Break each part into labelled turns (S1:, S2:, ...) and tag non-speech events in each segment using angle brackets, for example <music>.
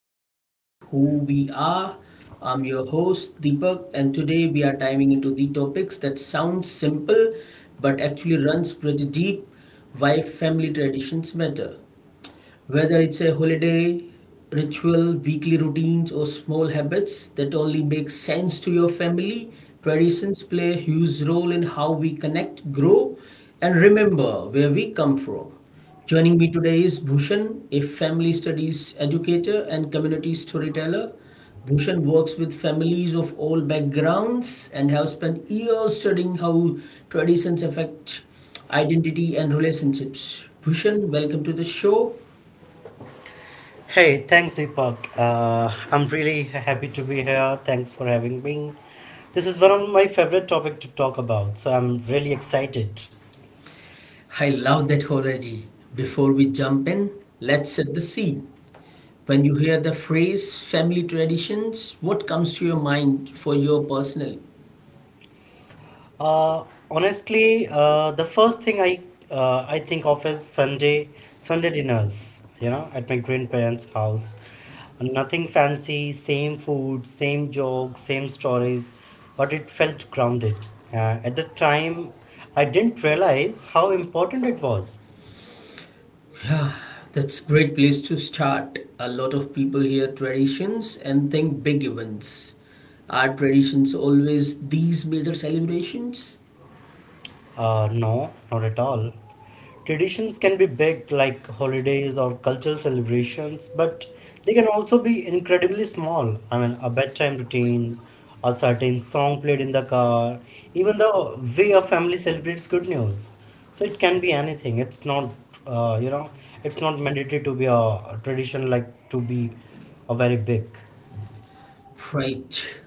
S1: that shape who we are. I'm your host, Deepak, and today we are diving into the topics that sound simple but actually runs pretty deep why family traditions matter. Whether it's a holiday, ritual, weekly routines, or small habits that only make sense to your family, traditions play a huge role in how we connect, grow, and remember where we come from. Joining me today is Bhushan, a family studies educator and community storyteller. Bhushan works with families of all backgrounds and has spent years studying how traditions affect identity and relationships. Bhushan, welcome to the show.
S2: Hey, thanks, Deepak. I'm really happy to be here. Thanks for having me. This is one of my favorite topic to talk about, so I'm really excited.
S1: I love that already. Before we jump in, let's set the scene. When you hear the phrase family traditions, what comes to your mind for your personally?
S2: Uh, honestly, the first thing I think of is Sunday dinners. You know, at my grandparents' house, nothing fancy, same food, same jokes, same stories, but it felt grounded. At the time, I didn't realize how important it was.
S1: That's great place to start. A lot of people hear traditions and think big events. Are traditions always these major celebrations?
S2: No, not at all. Traditions can be big, like holidays or cultural celebrations, but they can also be incredibly small. I mean, a bedtime routine, a certain song played in the car, even the way a family celebrates good news. So it can be anything. Uh, you know, it's not mandatory to be a tradition like to be a very big.
S1: Right.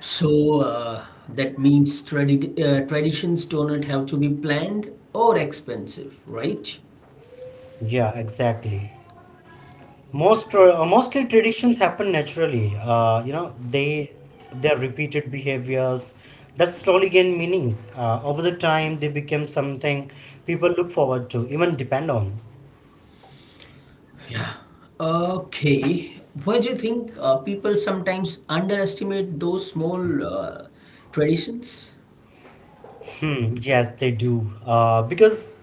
S1: So that means traditions do not have to be planned or expensive, right?
S2: Yeah, exactly. Mostly, traditions happen naturally, you know, they their repeated behaviors that slowly gain meanings over the time. They become something people look forward to, even depend on.
S1: Yeah. Okay. Why do you think people sometimes underestimate those small traditions?
S2: Yes, they do, because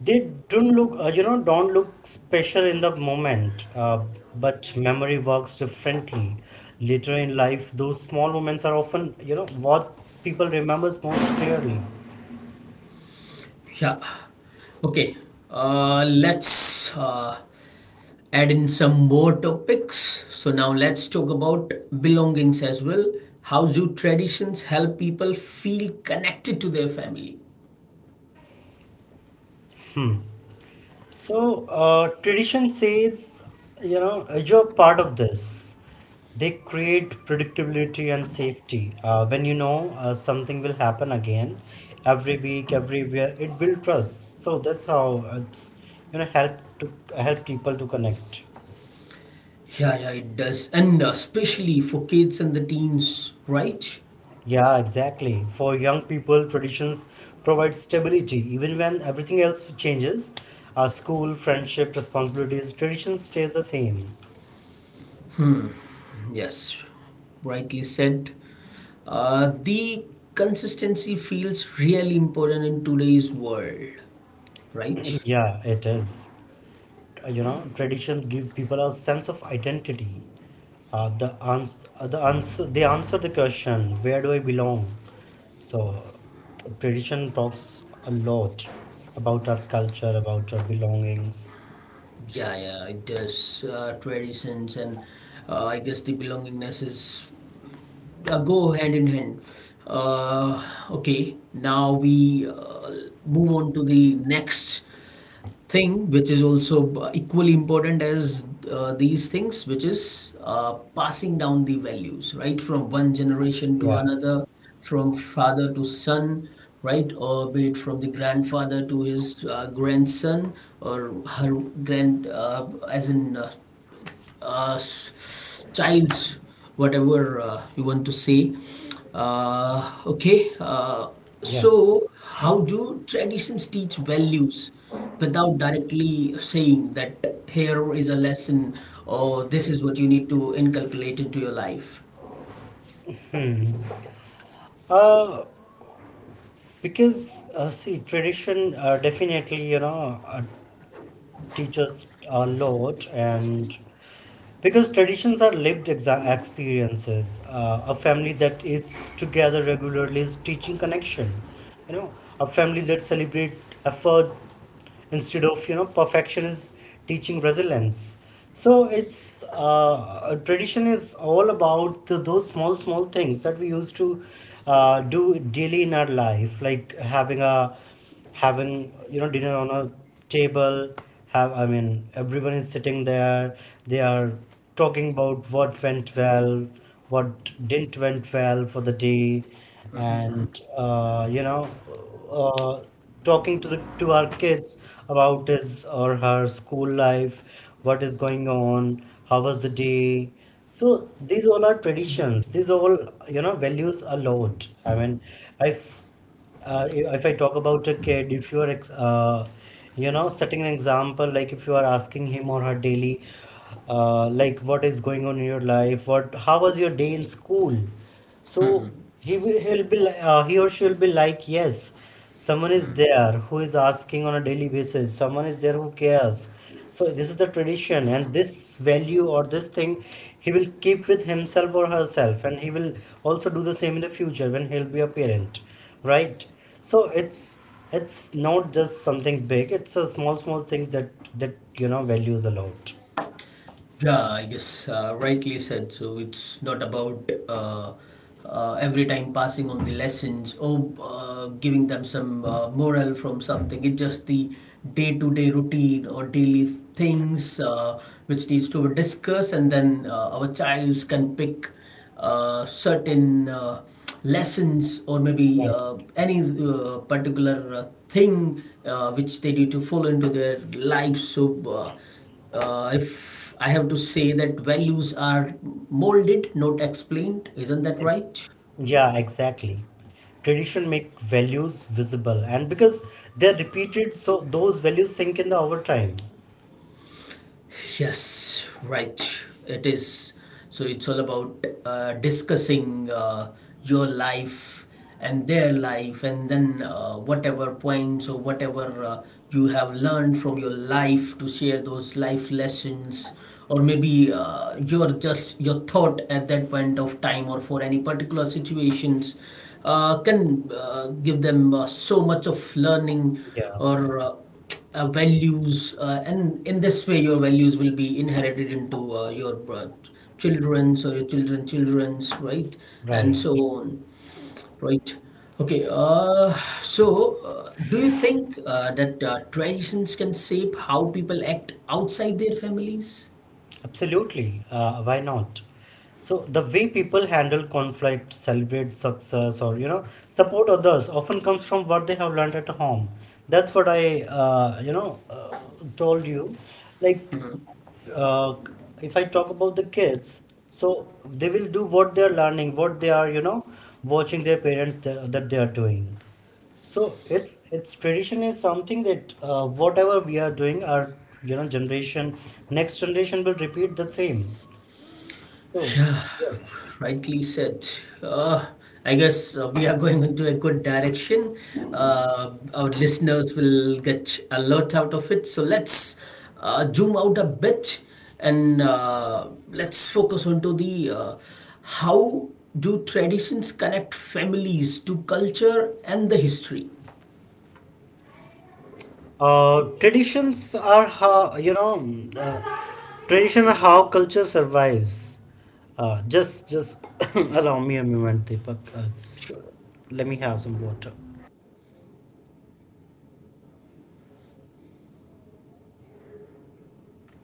S2: they don't look, you know, don't look special in the moment, but memory works differently. Later in life, those small moments are often, you know, what people remembers most clearly.
S1: Yeah. Okay. Let's add in some more topics. So now let's talk about belongings as well. How do traditions help people feel connected to their family?
S2: So, tradition says, you know, you're part of this. They create predictability and safety. When you know something will happen again, every week, everywhere, it builds trust. So that's how it's, you know, help to help people to connect.
S1: Yeah, yeah, it does. And especially for kids and the teens, right?
S2: Yeah, exactly. For young people, traditions provide stability even when everything else changes. School, friendship, responsibilities, tradition stays the same.
S1: Yes, rightly said. The consistency feels really important in today's world, right?
S2: Yeah, it is. You know, traditions give people a sense of identity, they answer the question, where do I belong? So tradition talks a lot about our culture, about our belongings.
S1: Yeah, yeah, it does. Traditions and I guess the belongingness is go hand in hand. Uh, okay, now we move on to the next thing which is also equally important as these things which is passing down the values right from one generation to
S2: Yeah,
S1: another from father to son, right, or be it from the grandfather to his grandson or her grand childs, whatever you want to say. Uh, okay, uh,
S2: yeah.
S1: so how do traditions teach values without directly saying that here is a lesson or this is what you need to inculcate into your life?
S2: Uh because uh, see, tradition, definitely, you know, uh, teaches a lot. And because traditions are lived experiences, a family that eats together regularly is teaching connection, you know. A family that celebrate effort instead of, you know, perfection is teaching resilience. So it's, a tradition is all about those small things that we used to, do daily in our life, like having you know dinner on a table. Have, I mean, everyone is sitting there. They are talking about what went well, what didn't went well for the day, and, uh, talking to the to our kids about his or her school life, what is going on, how was the day. So these all are traditions, these all, you know, values a lot. I mean, I if I talk about a kid, if you are, you know, setting an example, like if you are asking him or her daily, like what is going on in your life, what, how was your day in school? So he will, he'll be, he or she will be like, yes, someone is there who is asking on a daily basis. Someone is there who cares. So this is the tradition, and this value or this thing, he will keep with himself or herself, and he will also do the same in the future when he'll be a parent, right? So it's not just something big, it's a small things that you know values a lot,
S1: Yeah, I guess rightly said. So it's not about every time passing on the lessons or giving them some moral from something. It's just the day-to-day routine or daily things which needs to be discussed, and then our childs can pick certain lessons or maybe
S2: right?
S1: any particular thing which they need to follow into their lives. So, if I have to say that values are molded, not explained, isn't that
S2: Ex-
S1: right?
S2: yeah, exactly. Tradition make values visible, and because they're repeated, so those values sink in the over time.
S1: Yes, right. It is. So it's all about discussing your life and their life, and then whatever points or whatever you have learned from your life to share those life lessons, or maybe your just your thought at that point of time or for any particular situations can give them so much of learning
S2: Yeah,
S1: or. Values and in this way your values will be inherited into your children's or your children children's, right, and so
S2: right.
S1: on, right. Okay, so do you think that traditions can shape how people act outside their families?
S2: Absolutely. Why not? So the way people handle conflict, celebrate success, or you know support others often comes from what they have learned at home. That's what I, you know, told you. Like, uh, if I talk about the kids, so they will do what they are learning, what they are, you know, watching their parents that they are doing. So it's tradition is something that, whatever we are doing, our, you know, generation, next generation will repeat the same. So yes,
S1: Rightly said. Uh, I guess we are going into a good direction. Our listeners will get a lot out of it. So let's zoom out a bit and let's focus onto the how do traditions connect families to culture and the history.
S2: traditions are how, you know, uh, tradition are how culture survives. Just <coughs> allow me a moment, Deepak. It's,
S1: Sure.
S2: let me have some water.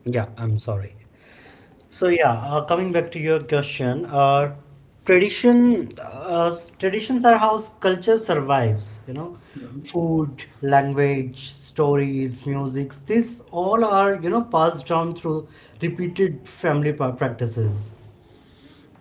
S2: Yeah, I'm sorry. So yeah, coming back to your question, uh, traditions are how culture survives. You know, food, language, stories, music. These all are, you know, passed down through repeated family practices.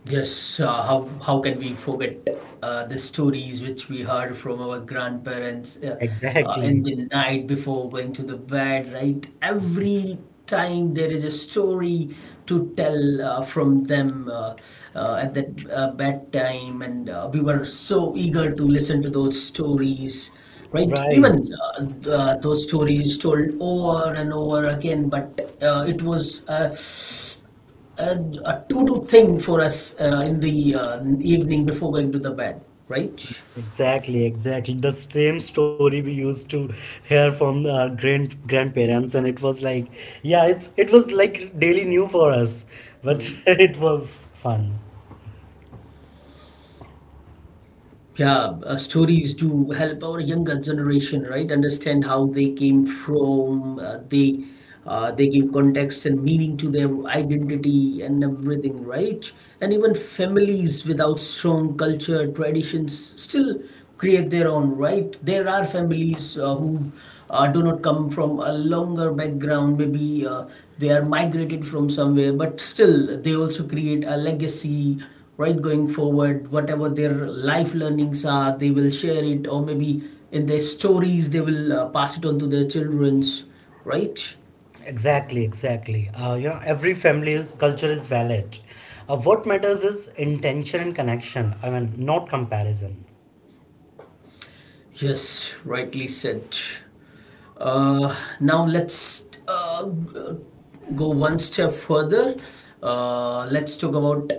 S1: Yes, how can we forget the stories which we heard from our grandparents in
S2: Exactly.
S1: the night before going to the bed, right? Every time there is a story to tell from them at that bedtime, and we were so eager to listen to those stories, right?
S2: Right.
S1: Even those stories told over and over again, but it was a, a to-do thing for us in the evening before going to the bed, right?
S2: Exactly. Exactly. The same story we used to hear from our grandparents, and it was like, yeah, it's it was like daily new for us, but <laughs> it was fun.
S1: Yeah, stories to help our younger generation, right, understand how they came from, they give context and meaning to their identity and everything, right. And even families without strong culture traditions still create their own, right. There are families who do not come from a longer background, maybe they are migrated from somewhere, but still they also create a legacy, right, going forward. Whatever their life learnings are, they will share it, or maybe in their stories they will pass it on to their children's, right.
S2: Exactly, exactly. You know, every family's culture is valid. What matters is intention and connection. I mean, not comparison.
S1: Yes, rightly said. Now let's go one step further. Let's talk about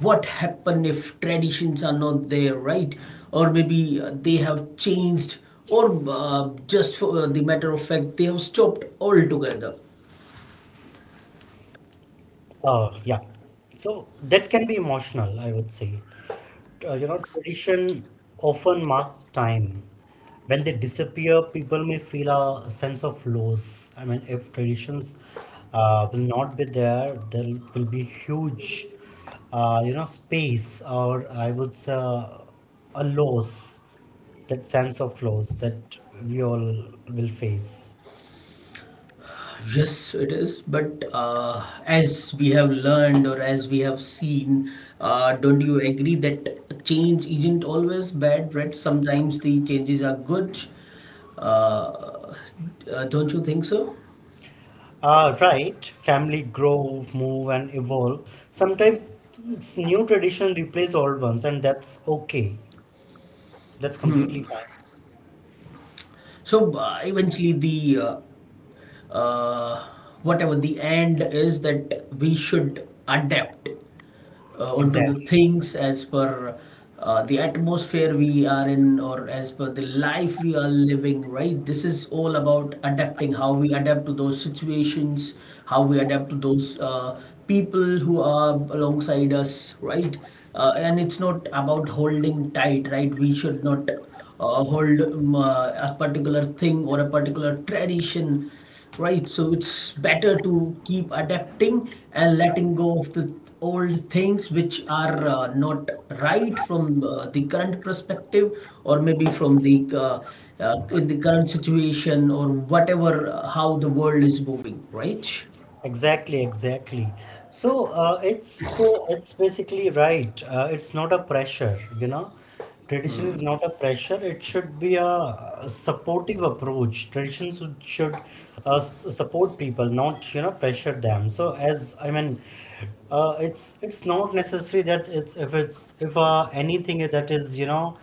S1: what happen if traditions are not there, right, or maybe they have changed or just for the matter of fact they have stopped altogether.
S2: Yeah. So that can be emotional, I would say. You know, tradition often marks time. When they disappear, people may feel a sense of loss. I mean, if traditions will not be there, there will be huge, you know, space, or I would say, a loss, that sense of loss that we all will face.
S1: Yes, it is. But as we have learned or as we have seen, don't you agree that change isn't always bad, right? Sometimes the changes are good. Uh, don't you think so?
S2: Ah, right, family grow, move, and evolve. Sometimes new tradition replace old ones, and that's okay. That's completely fine.
S1: So eventually the uh, whatever the end is that we should adapt onto the
S2: Exactly.
S1: things as per the atmosphere we are in or as per the life we are living, right. This is all about adapting, how we adapt to those situations, how we adapt to those people who are alongside us, right. And it's not about holding tight, right, we should not hold a particular thing or a particular tradition, right? So it's better to keep adapting and letting go of the old things which are not right from the current perspective, or maybe from the in the current situation or whatever how the world is moving, right.
S2: Exactly, exactly. So it's basically right. It's not a pressure, you know. Tradition is not a pressure. It should be a supportive approach. Tradition should, support people, not, you know, pressure them. So as I mean, it's not necessary that it's if anything that is, you know,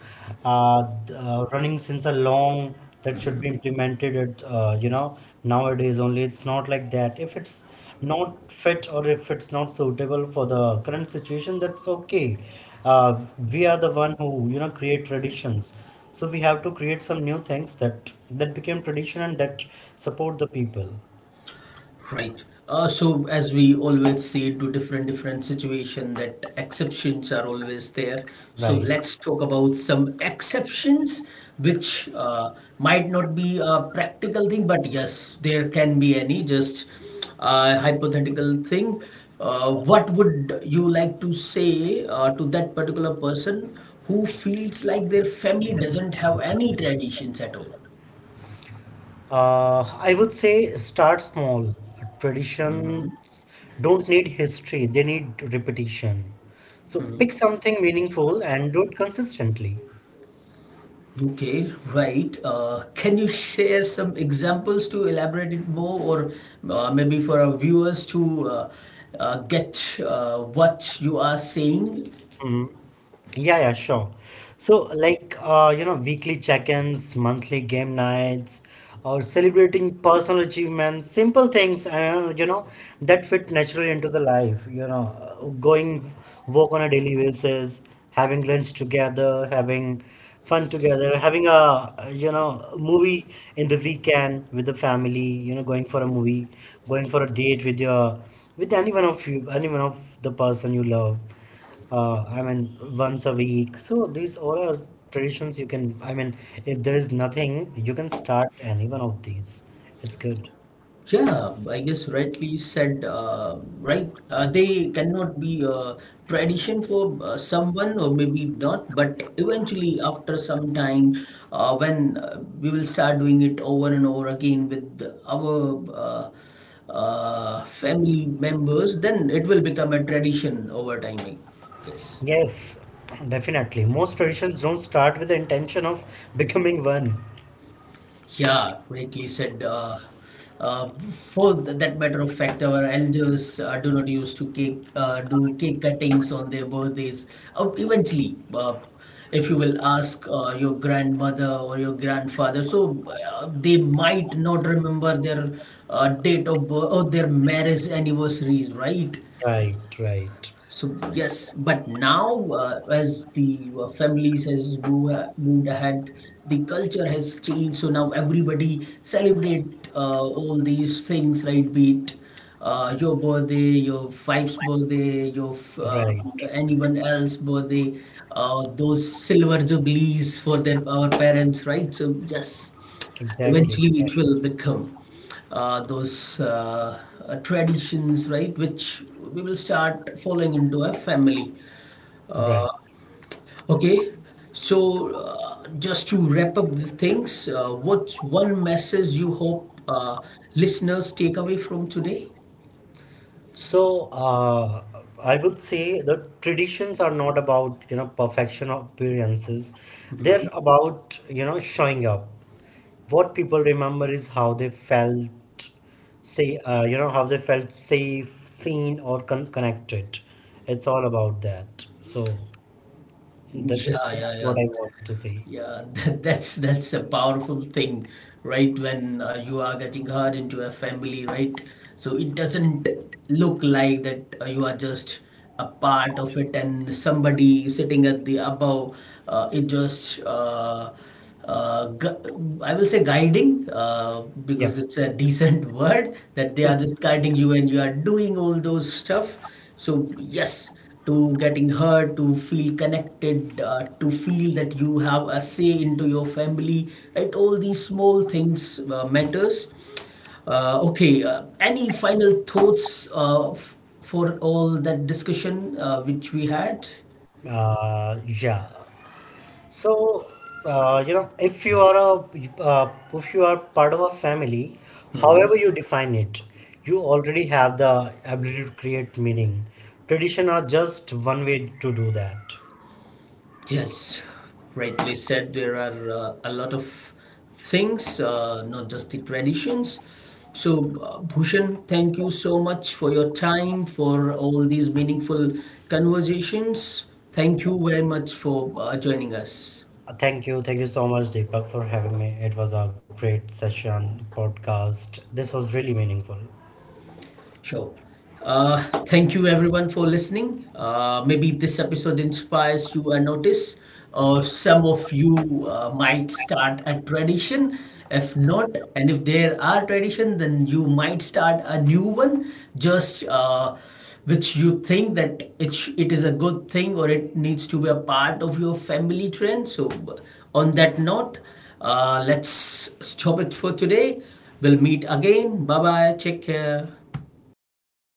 S2: running since a long, that should be implemented at, you know, nowadays only. It's not like that. If it's not fit or if it's not suitable for the current situation, that's okay. Uh, we are the one who, you know, create traditions. So we have to create some new things that became tradition and that support the people,
S1: Right. So as we always say to different different situation that exceptions are always there. So
S2: right?
S1: let's talk about some exceptions which might not be a practical thing, but yes, there can be any just hypothetical thing. What would you like to say to that particular person who feels like their family doesn't have any traditions at all?
S2: Uh, I would say start small. Traditions don't need history, they need repetition. So pick something meaningful and do it consistently.
S1: Okay, right. Can you share some examples to elaborate it more, or maybe for our viewers to get what you are saying?
S2: Mhm. Yeah, yeah, sure. So, like, you know, weekly check-ins, monthly game nights, or celebrating personal achievements, simple things, you know, that fit naturally into the life, you know, going work on a daily basis, having lunch together, having fun together, having a, you know, movie in the weekend with the family, you know, going for a movie, going for a date with your, with anyone of you, anyone of the person you love, I mean, once a week. So these all are traditions you can, I mean, if there is nothing, you can start any one of these. It's good.
S1: Yeah, I guess rightly said, right? They cannot be a tradition for someone, or maybe not, but eventually, after some time, when we will start doing it over and over again with our family members, then it will become a tradition over time, I guess.
S2: Yes, definitely. Most traditions don't start with the intention of <laughs> becoming one.
S1: Yeah, rightly said. For that matter of fact, our elders do not used to cake do cake cuttings on their birthdays. Eventually, if you will ask your grandmother or your grandfather, so they might not remember their date of birth or their marriage anniversaries, right?
S2: Right, right,
S1: So yes, but now as the families has moved, moved ahead, the culture has changed. So now everybody celebrate all these things, right? Be it your birthday, your wife's birthday,
S2: right.
S1: anyone else birthday, those silver jubilees for their our parents, right? So yes,
S2: Exactly.
S1: eventually it
S2: Right.
S1: will become those traditions, right, which we will start following into a family.
S2: Right.
S1: Okay, so just to wrap up the things, what's one message you hope listeners take away from today?
S2: So, I would say the traditions are not about, you know, perfection or appearances. They're about, you know, showing up. What people remember is how they felt, say, you know, how they felt safe, seen, or connected. It's all about that. So that's
S1: Yeah, yeah,
S2: that's
S1: yeah.
S2: what I want to say.
S1: Yeah, <laughs> that, that's a powerful thing, right? When you are getting hurt into a family, right? So it doesn't look like that you are just a part of it, and somebody sitting at the above, it just I will say guiding,
S2: Yeah.
S1: because it's a decent <laughs> word that they are just guiding you and you are doing all those stuff. So, yes, to getting hurt, to feel connected, to feel that you have a say into your family, right? All these small things matters. Okay, any final thoughts for all that discussion which we had?
S2: Yeah. So, you know, if you are a if you are part of a family, however you define it, you already have the ability to create meaning. Tradition are just one way to do that.
S1: Yes, rightly said. There are a lot of things, not just the traditions. So, Bhushan, thank you so much for your time, for all these meaningful conversations. Thank you very much for joining us.
S2: Thank you, thank you so much, Deepak, for having me. It was a great session, podcast. This was really meaningful.
S1: Sure. Uh, Thank you everyone for listening. Maybe this episode inspires you a notice, or some of you might start a tradition. If not, and if there are tradition, then you might start a new one. Just which you think that it is a good thing or it needs to be a part of your family trend. So, on that note, let's stop it for today. We'll meet again. Bye bye. Take care.